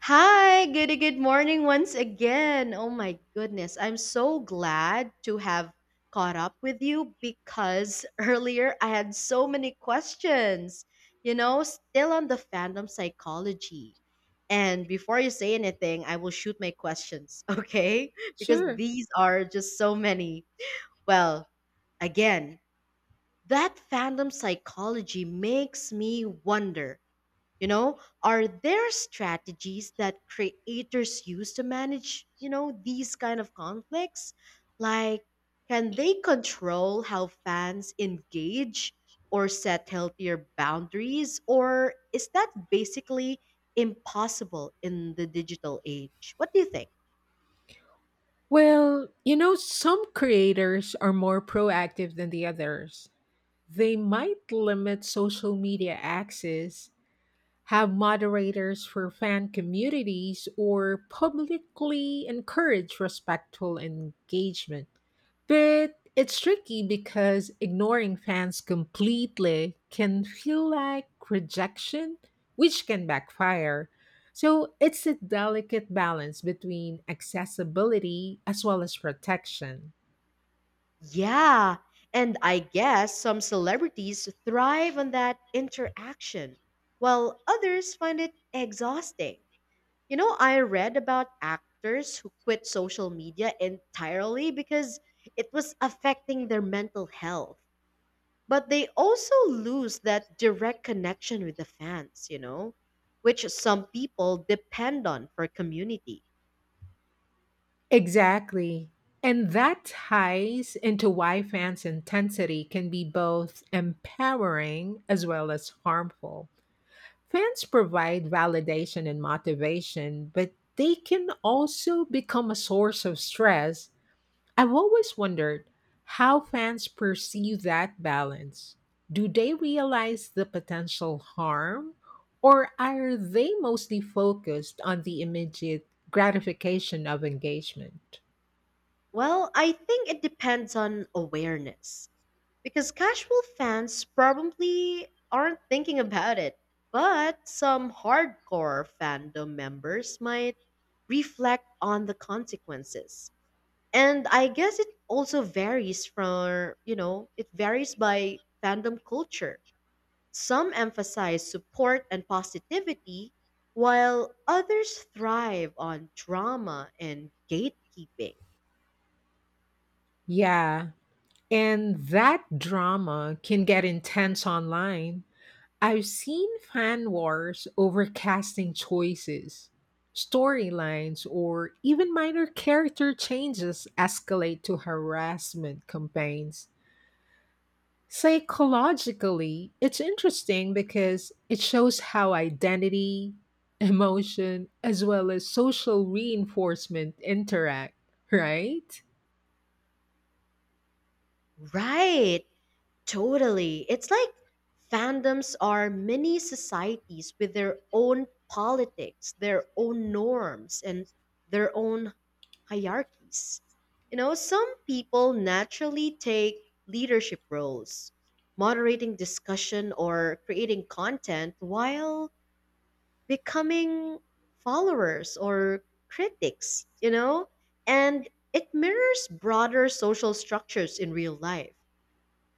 Hi, good morning once again. Oh my goodness, I'm so glad to have caught up with you because earlier I had so many questions, you know, still on the fandom psychology. And before you say anything, I will shoot my questions, okay? Because Sure. these are just so many. Well, again, that fandom psychology makes me wonder, you know, are there strategies that creators use to manage, you know, these kind of conflicts, like can they control how fans engage or set healthier boundaries, or is that basically impossible in the digital age? What do you think? Well, you know, some creators are more proactive than the others. They might limit social media access, have moderators for fan communities, or publicly encourage respectful engagement. But it's tricky because ignoring fans completely can feel like rejection, which can backfire. So it's a delicate balance between accessibility as well as protection. Yeah, and I guess some celebrities thrive on that interaction while others find it exhausting. You know, I read about actors who quit social media entirely because it was affecting their mental health. But they also lose that direct connection with the fans, you know, which some people depend on for community. Exactly. And that ties into why fans' intensity can be both empowering as well as harmful. Fans provide validation and motivation, but they can also become a source of stress. I've always wondered how fans perceive that balance. Do they realize the potential harm, or are they mostly focused on the immediate gratification of engagement? Well, I think it depends on awareness because casual fans probably aren't thinking about it, but some hardcore fandom members might reflect on the consequences. And I guess it also varies from, you know, it varies by fandom culture. Some emphasize support and positivity while others thrive on drama and gatekeeping. Yeah, and that drama can get intense online. I've seen fan wars over casting choices, storylines, or even minor character changes escalate to harassment campaigns. Psychologically, it's interesting because it shows how identity, emotion, as well as social reinforcement interact, right? Right. Totally. It's like fandoms are mini societies with their own politics, their own norms, and their own hierarchies. You know, some people naturally take leadership roles, moderating discussion or creating content while becoming followers or critics, you know? And it mirrors broader social structures in real life,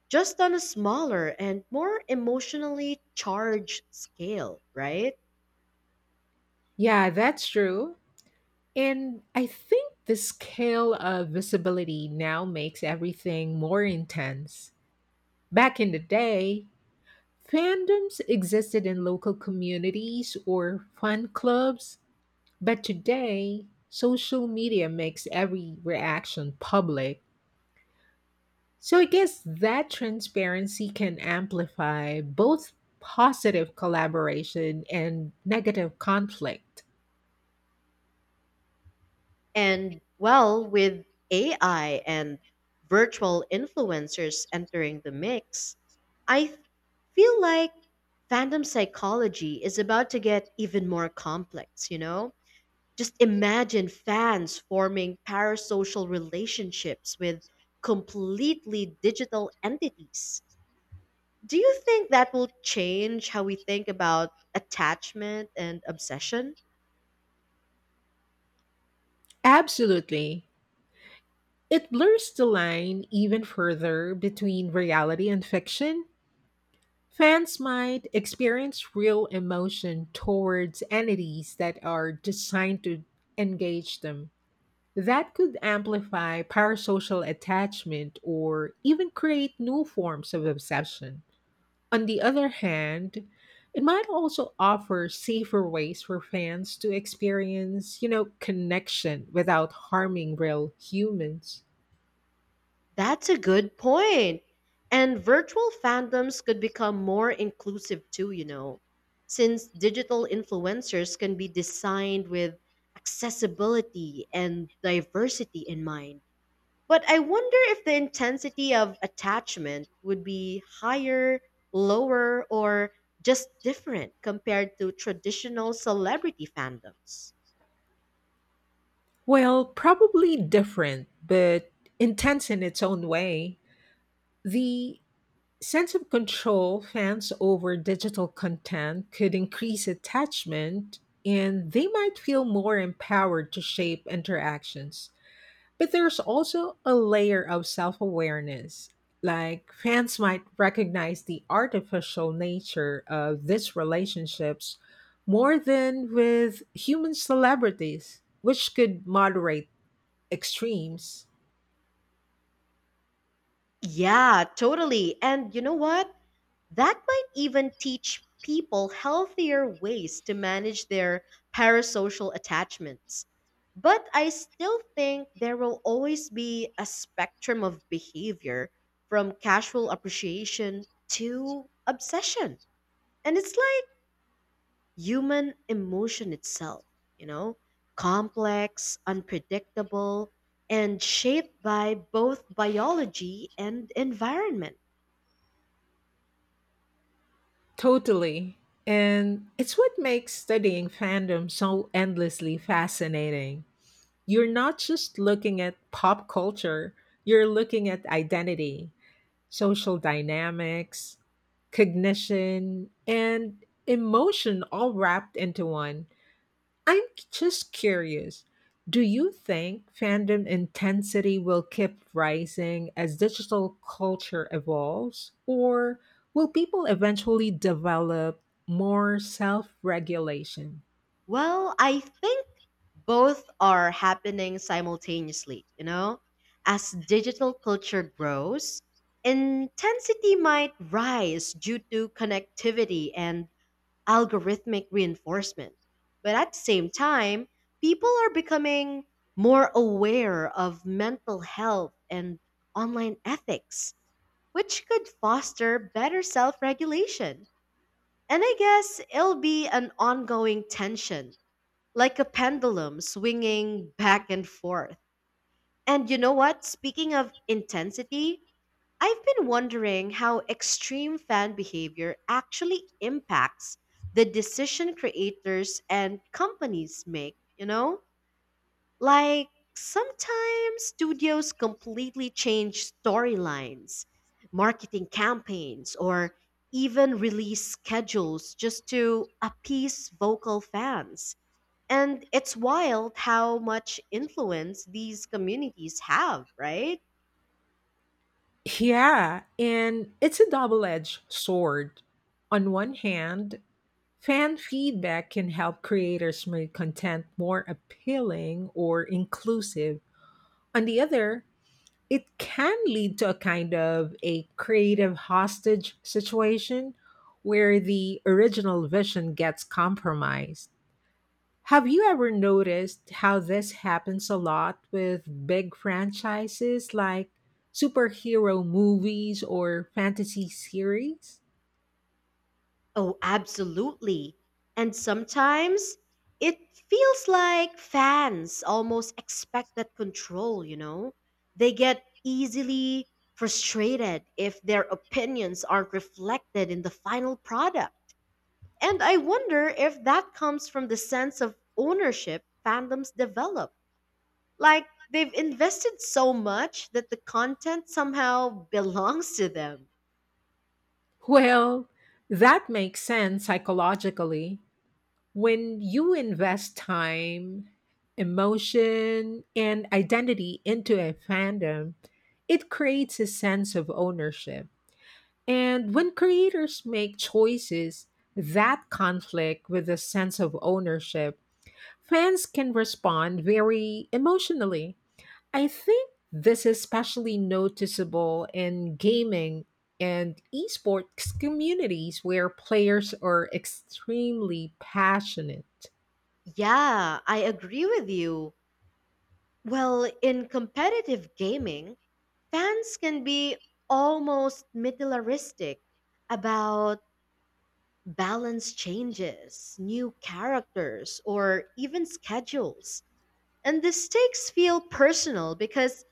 just on a smaller and more emotionally charged scale, right? Yeah, that's true. And I think the scale of visibility now makes everything more intense. Back in the day, fandoms existed in local communities or fan clubs, but today, social media makes every reaction public. So I guess that transparency can amplify both positive collaboration and negative conflict. And well, with AI and virtual influencers entering the mix, I feel like fandom psychology is about to get even more complex, you know? Just imagine fans forming parasocial relationships with completely digital entities. Do you think that will change how we think about attachment and obsession? Absolutely. It blurs the line even further between reality and fiction. Fans might experience real emotion towards entities that are designed to engage them. That could amplify parasocial attachment or even create new forms of obsession. On the other hand, it might also offer safer ways for fans to experience, connection without harming real humans. That's a good point. And virtual fandoms could become more inclusive too, you know, since digital influencers can be designed with accessibility and diversity in mind. But I wonder if the intensity of attachment would be higher, lower, or just different compared to traditional celebrity fandoms. Well, probably different, but intense in its own way. The sense of control fans over digital content could increase attachment, and they might feel more empowered to shape interactions. But there's also a layer of self awareness. Like, fans might recognize the artificial nature of these relationships more than with human celebrities, which could moderate extremes. Yeah, totally. And you know what? That might even teach people healthier ways to manage their parasocial attachments. But I still think there will always be a spectrum of behavior from casual appreciation to obsession. And it's like human emotion itself, you know, complex, unpredictable, and shaped by both biology and environment. Totally. And it's what makes studying fandom so endlessly fascinating. You're not just looking at pop culture, you're looking at identity, social dynamics, cognition, and emotion all wrapped into one. I'm just curious. Do you think fandom intensity will keep rising as digital culture evolves? Or will people eventually develop more self regulation? Well, I think both are happening simultaneously, you know? As digital culture grows, intensity might rise due to connectivity and algorithmic reinforcement. But at the same time, people are becoming more aware of mental health and online ethics, which could foster better self regulation. And I guess it'll be an ongoing tension, like a pendulum swinging back and forth. And you know what? Speaking of intensity, I've been wondering how extreme fan behavior actually impacts the decision creators and companies make, you know? Like sometimes studios completely change storylines, marketing campaigns, or even release schedules just to appease vocal fans. And it's wild how much influence these communities have, right? Yeah, and it's a double edged sword. On one hand, fan feedback can help creators make content more appealing or inclusive. On the other, it can lead to a kind of a creative hostage situation where the original vision gets compromised. Have you ever noticed how this happens a lot with big franchises like superhero movies or fantasy series? Oh, absolutely. And sometimes it feels like fans almost expect that control, you know? They get easily frustrated if their opinions aren't reflected in the final product. And I wonder if that comes from the sense of ownership fandoms develop. Like they've invested so much that the content somehow belongs to them. Well, that makes sense psychologically. When you invest time, emotion, and identity into a fandom, it creates a sense of ownership. And when creators make choices that conflict with a sense of ownership, fans can respond very emotionally. I think this is especially noticeable in gaming and esports communities where players are extremely passionate. Yeah, I agree with you. Well, in competitive gaming, fans can be almost militaristic about balance changes, new characters, or even schedules. And the stakes feel personal because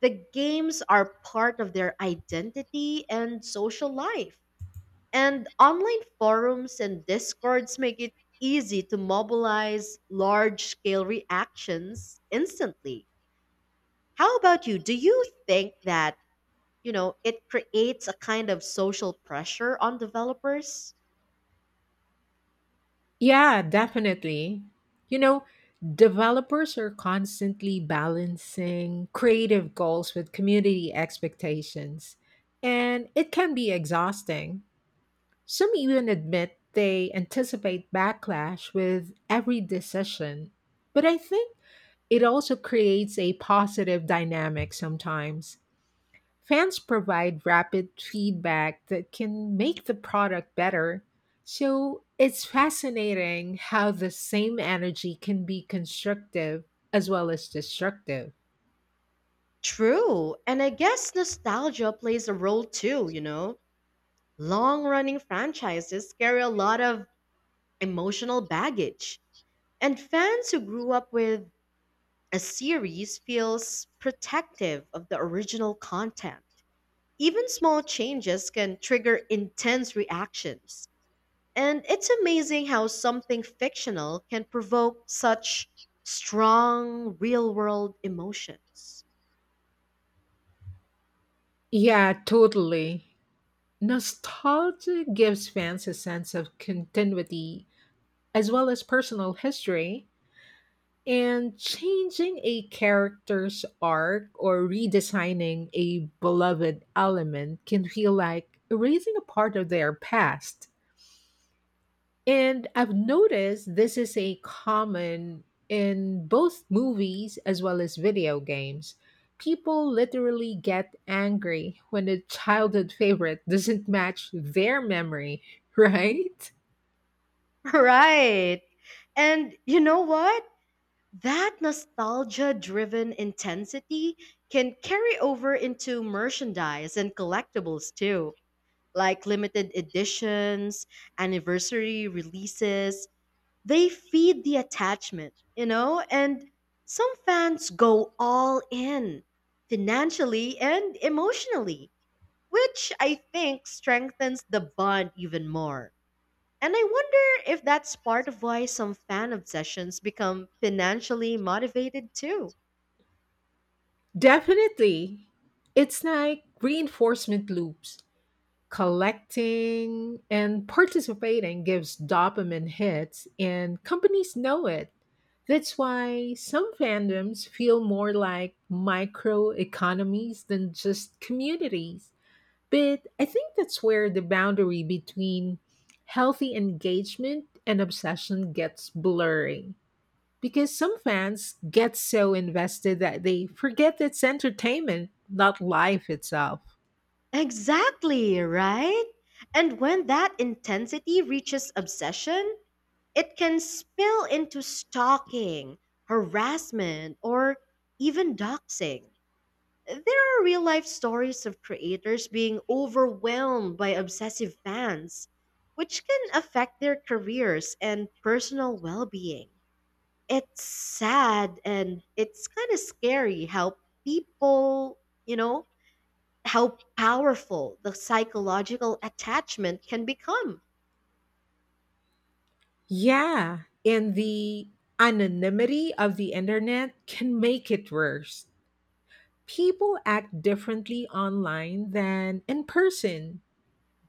the games are part of their identity and social life. And online forums and discords make it easy to mobilize large scale reactions instantly. How about you? Do you think that, you know, it creates a kind of social pressure on developers? Yeah, definitely. You know, developers are constantly balancing creative goals with community expectations, and it can be exhausting. Some even admit they anticipate backlash with every decision. But I think it also creates a positive dynamic sometimes. Fans provide rapid feedback that can make the product better. So it's fascinating how the same energy can be constructive as well as destructive. True. And I guess nostalgia plays a role too, you know? Long running franchises carry a lot of emotional baggage. And fans who grew up with a series feels protective of the original content. Even small changes can trigger intense reactions. And it's amazing how something fictional can provoke such strong real world emotions. Yeah, totally. Nostalgia gives fans a sense of continuity as well as personal history, and changing a character's arc or redesigning a beloved element can feel like erasing a part of their past. And I've noticed this is a common in both movies as well as video games. People literally get angry when a childhood favorite doesn't match their memory, right? Right. And you know what? That nostalgia driven intensity can carry over into merchandise and collectibles too. Like limited editions, anniversary releases. They feed the attachment, you know? And some fans go all in financially and emotionally, which I think strengthens the bond even more. And I wonder if that's part of why some fan obsessions become financially motivated too. Definitely. It's like reinforcement loops. Collecting and participating gives dopamine hits, and companies know it. That's why some fandoms feel more like micro economies than just communities. But I think that's where the boundary between healthy engagement and obsession gets blurry. Because some fans get so invested that they forget it's entertainment, not life itself. Exactly, right? And when that intensity reaches obsession, it can spill into stalking, harassment, or even doxing. There are real life stories of creators being overwhelmed by obsessive fans, which can affect their careers and personal well being. It's sad and it's kind of scary how people, you know, how powerful the psychological attachment can become. Yeah, and the anonymity of the internet can make it worse. People act differently online than in person.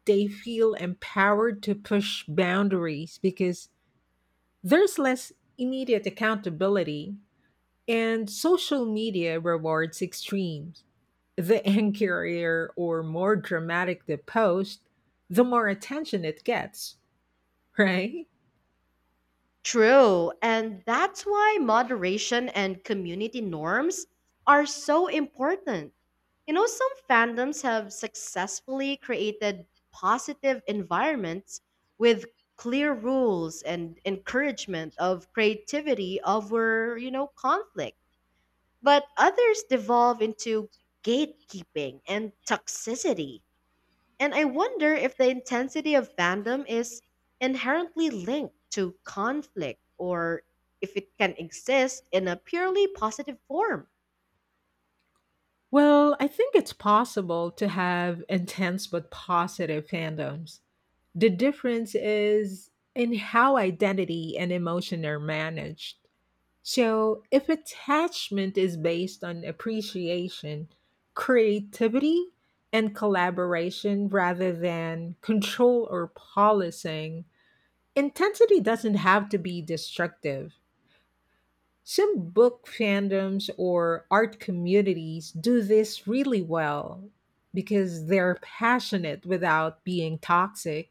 They feel empowered to push boundaries because there's less immediate accountability, and social media rewards extremes. The angrier or more dramatic the post, the more attention it gets, right? True, and that's why moderation and community norms are so important. You know, some fandoms have successfully created positive environments with clear rules and encouragement of creativity over, you know, conflict. But others devolve into gatekeeping and toxicity. And I wonder if the intensity of fandom is inherently linked to conflict, or if it can exist in a purely positive form. Well, I think it's possible to have intense but positive fandoms. The difference is in how identity and emotion are managed. So, if attachment is based on appreciation, creativity, and collaboration rather than control or policing, intensity doesn't have to be destructive. Some book fandoms or art communities do this really well because they're passionate without being toxic.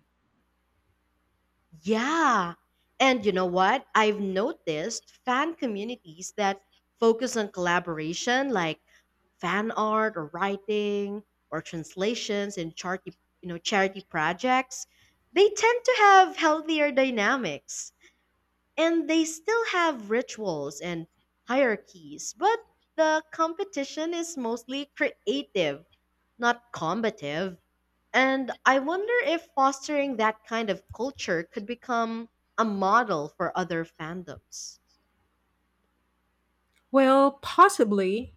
Yeah. And you know what? I've noticed fan communities that focus on collaboration, like fan art or writing or translations and charity, you know, charity projects, they tend to have healthier dynamics. And they still have rituals and hierarchies, but the competition is mostly creative, not combative. And I wonder if fostering that kind of culture could become a model for other fandoms. Well, possibly.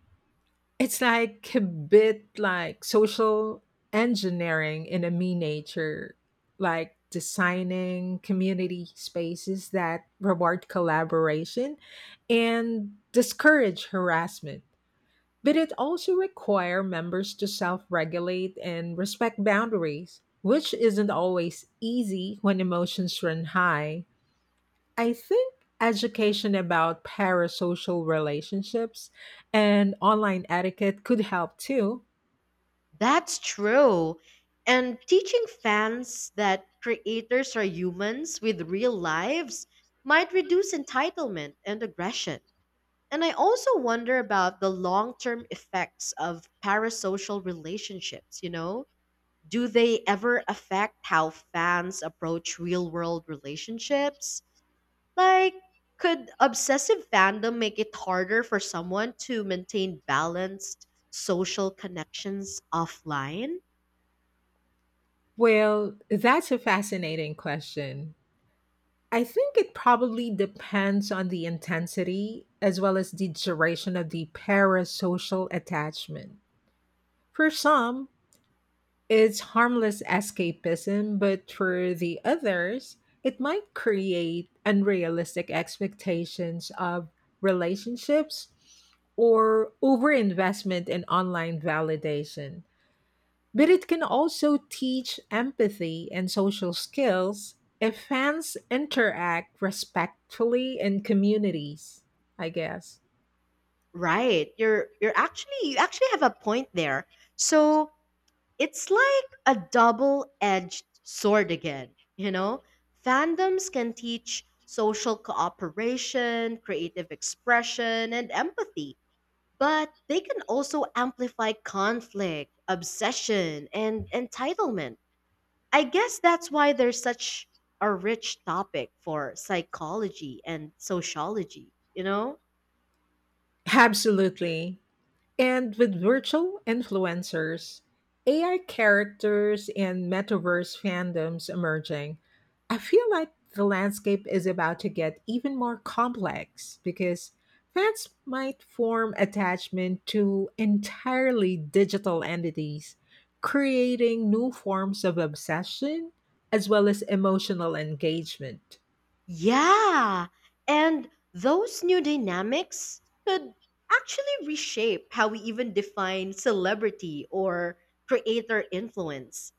It's like a bit like social engineering in a miniature, like designing community spaces that reward collaboration and discourage harassment. But it also requires members to self-regulate and respect boundaries, which isn't always easy when emotions run high. I think education about parasocial relationships and online etiquette could help too. That's true. And teaching fans that creators are humans with real lives might reduce entitlement and aggression. And I also wonder about the long term effects of parasocial relationships, you know? Do they ever affect how fans approach real world relationships? Like, could obsessive fandom make it harder for someone to maintain balanced social connections offline? Well, that's a fascinating question. I think it probably depends on the intensity as well as the duration of the parasocial attachment. For some, it's harmless escapism, but for the others, it might create unrealistic expectations of relationships or overinvestment in online validation. But it can also teach empathy and social skills if fans interact respectfully in communities, I guess. Right. You're actually, you actually have a point there. So it's like a double edged sword again, you know? Fandoms can teach social cooperation, creative expression, and empathy, but they can also amplify conflict, obsession, and entitlement. I guess that's why they're such a rich topic for psychology and sociology, you know? Absolutely. And with virtual influencers, AI characters, and metaverse fandoms emerging, I feel like the landscape is about to get even more complex because fans might form attachment to entirely digital entities, creating new forms of obsession as well as emotional engagement. Yeah, and those new dynamics could actually reshape how we even define celebrity or creator influence.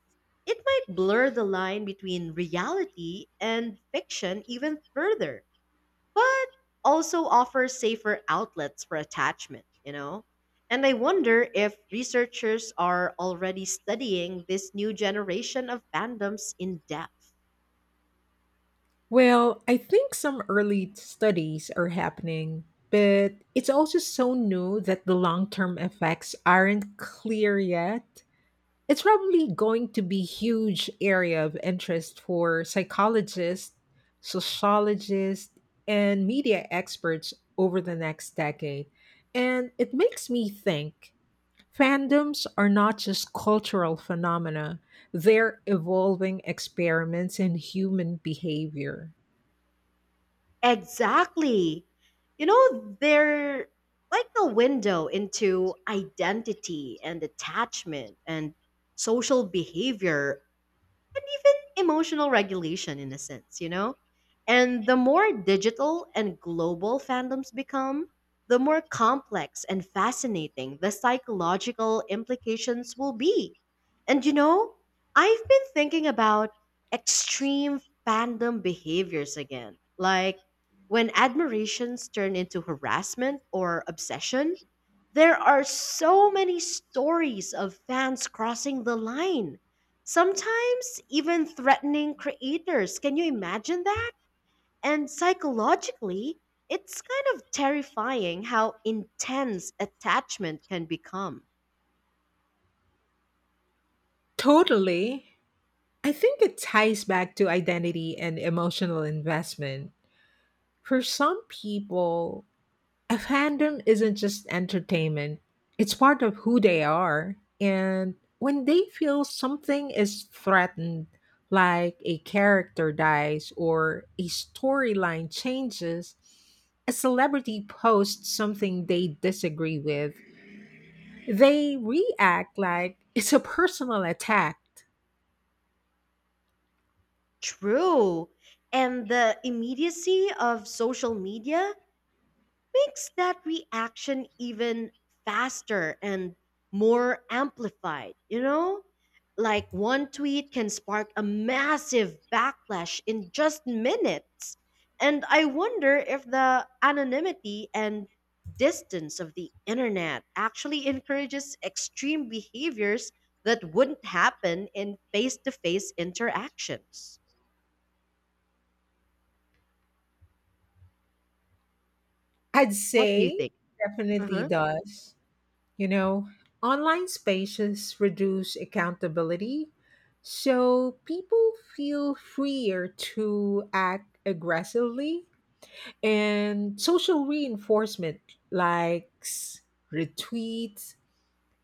It might blur the line between reality and fiction even further, but also offer safer outlets for attachment, you know? And I wonder if researchers are already studying this new generation of fandoms in depth. Well, I think some early studies are happening, but it's also so new that the long term effects aren't clear yet. It's probably going to be huge area of interest for psychologists, sociologists, and media experts over the next decade. And it makes me think fandoms are not just cultural phenomena, they're evolving experiments in human behavior. Exactly. You know, they're like a window into identity and attachment and social behavior and even emotional regulation in a sense, you know? And the more digital and global fandoms become, the more complex and fascinating the psychological implications will be. And you know, I've been thinking about extreme fandom behaviors again, like when admirations turn into harassment or obsession. There are so many stories of fans crossing the line, sometimes even threatening creators. Can you imagine that? And psychologically, it's kind of terrifying how intense attachment can become. Totally. I think it ties back to identity and emotional investment. For some people, a fandom isn't just entertainment, it's part of who they are. And when they feel something is threatened, like a character dies or a storyline changes, a celebrity posts something they disagree with, they react like it's a personal attack. True. And the immediacy of social media makes that reaction even faster and more amplified, you know? Like one tweet can spark a massive backlash in just minutes. And I wonder if the anonymity and distance of the internet actually encourages extreme behaviors that wouldn't happen in face to face interactions. I'd What do you say it think? Uh definitely huh. does. You know, online spaces reduce accountability, so people feel freer to act aggressively, and social reinforcement, likes, retweets,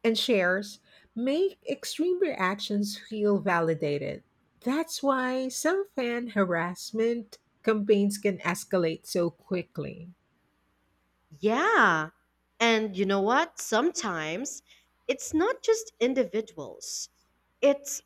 and shares, make extreme reactions feel validated. That's why some fan harassment campaigns can escalate so quickly. Yeah. And you know what? Sometimes it's not just individuals, it's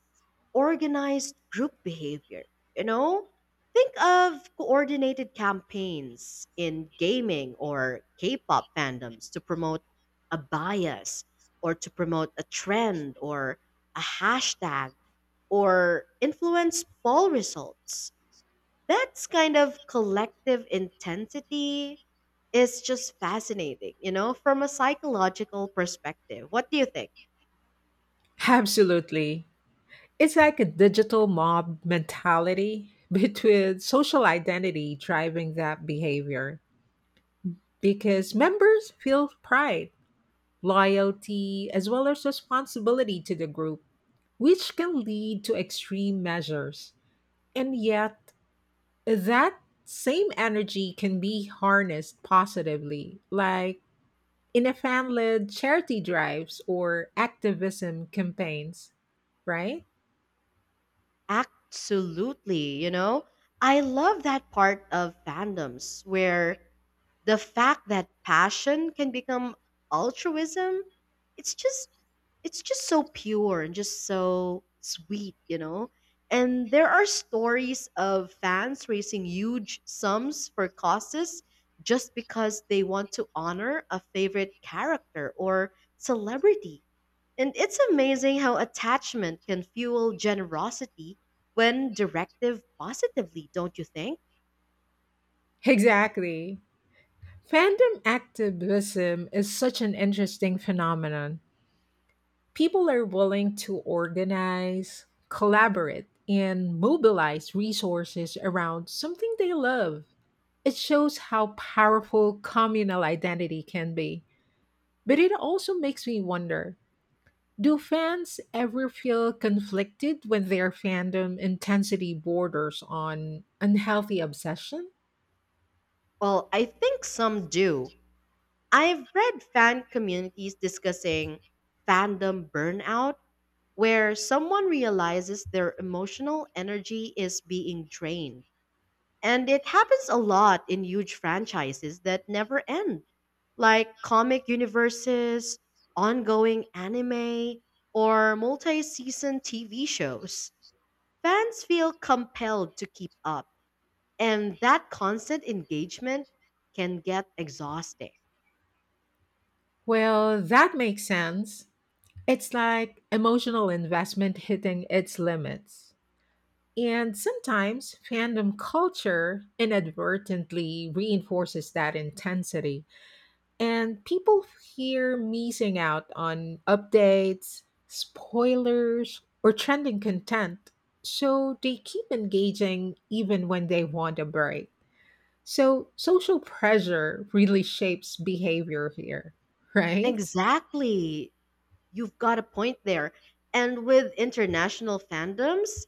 organized group behavior. You know, think of coordinated campaigns in gaming or K pop fandoms to promote a bias or to promote a trend or a hashtag or influence poll results. That's kind of collective intensity is just fascinating, you know, from a psychological perspective. What do you think? Absolutely. It's like a digital mob mentality, but with social identity driving that behavior because members feel pride, loyalty, as well as responsibility to the group, which can lead to extreme measures. And yet, that same energy can be harnessed positively, like in a fan led charity drives or activism campaigns, right? Absolutely, you know? I love that part of fandoms where the fact that passion can become altruism, it's just it's just so pure and just so sweet, you know? And there are stories of fans raising huge sums for causes just because they want to honor a favorite character or celebrity. And it's amazing how attachment can fuel generosity when directive positively, don't you think? Exactly. Fandom activism is such an interesting phenomenon. People are willing to organize, collaborate, and mobilize resources around something they love. It shows how powerful communal identity can be. But it also makes me wonder, do fans ever feel conflicted when their fandom intensity borders on unhealthy obsession? Well, I think some do. I've read fan communities discussing fandom burnout, where someone realizes their emotional energy is being drained. And it happens a lot in huge franchises that never end, like comic universes, ongoing anime, or multi season TV shows. Fans feel compelled to keep up, and that constant engagement can get exhausting. Well, that makes sense. It's like emotional investment hitting its limits. And sometimes fandom culture inadvertently reinforces that intensity, and people fear missing out on updates, spoilers, or trending content. So they keep engaging even when they want a break. So social pressure really shapes behavior here, right? Exactly. You've got a point there. And with international fandoms,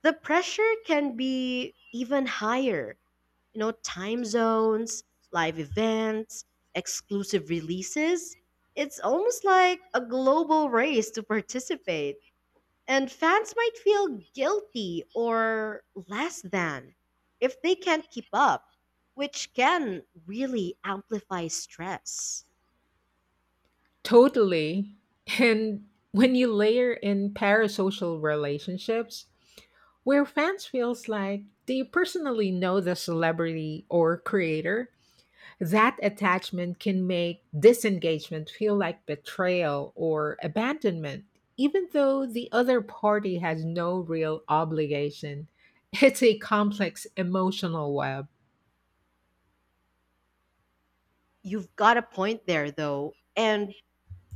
the pressure can be even higher. You know, time zones, live events, exclusive releases. It's almost like a global race to participate. And fans might feel guilty or less than if they can't keep up, which can really amplify stress. Totally. And when you layer in parasocial relationships, where fans feels like they personally know the celebrity or creator, that attachment can make disengagement feel like betrayal or abandonment, even though the other party has no real obligation. It's a complex emotional web. You've got a point there, though. And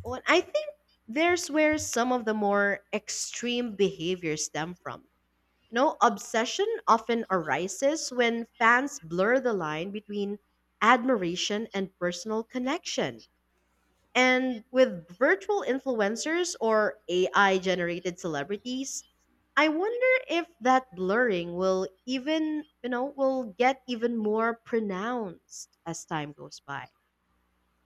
well, I think there's where some of the more extreme behaviors stem from. You know, obsession often arises when fans blur the line between admiration and personal connection. And with virtual influencers or AI generated celebrities, I wonder if that blurring will even, you know, will get even more pronounced as time goes by.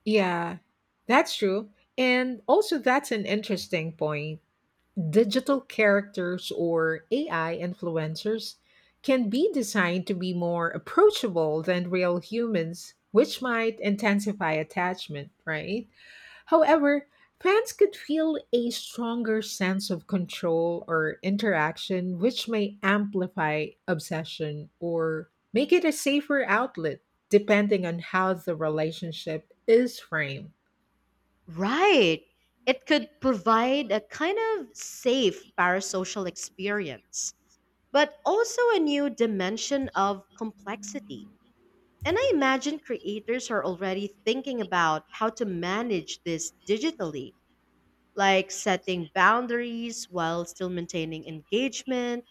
Yeah, that's true. And also, that's an interesting point. Digital characters or AI influencers can be designed to be more approachable than real humans, which might intensify attachment, right? However, fans could feel a stronger sense of control or interaction, which may amplify obsession or make it a safer outlet, depending on how the relationship is framed. Right. It could provide a kind of safe parasocial experience, but also a new dimension of complexity. And I imagine creators are already thinking about how to manage this digitally, like setting boundaries while still maintaining engagement.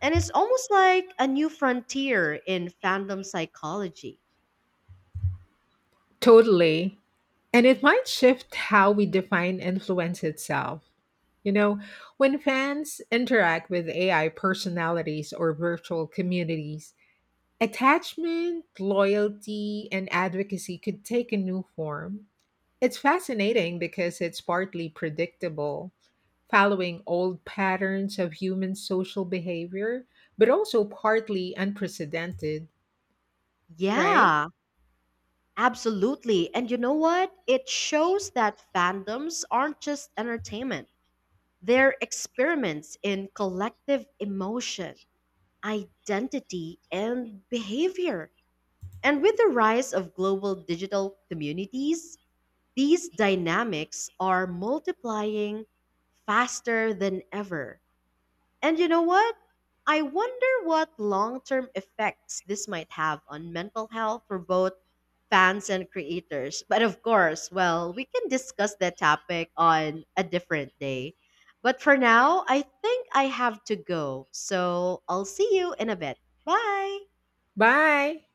And it's almost like a new frontier in fandom psychology. Totally. And it might shift how we define influence itself. You know, when fans interact with AI personalities or virtual communities, attachment, loyalty, and advocacy could take a new form. It's fascinating because it's partly predictable, following old patterns of human social behavior, but also partly unprecedented, right? Yeah, absolutely. And you know what? It shows that fandoms aren't just entertainment, they're experiments in collective emotion, identity, and behavior. And with the rise of global digital communities, these dynamics are multiplying faster than ever. And you know what? I wonder what long term effects this might have on mental health for both fans and creators. But of course, well, we can discuss that topic on a different day. But for now, I think I have to go. So I'll see you in a bit. Bye. Bye.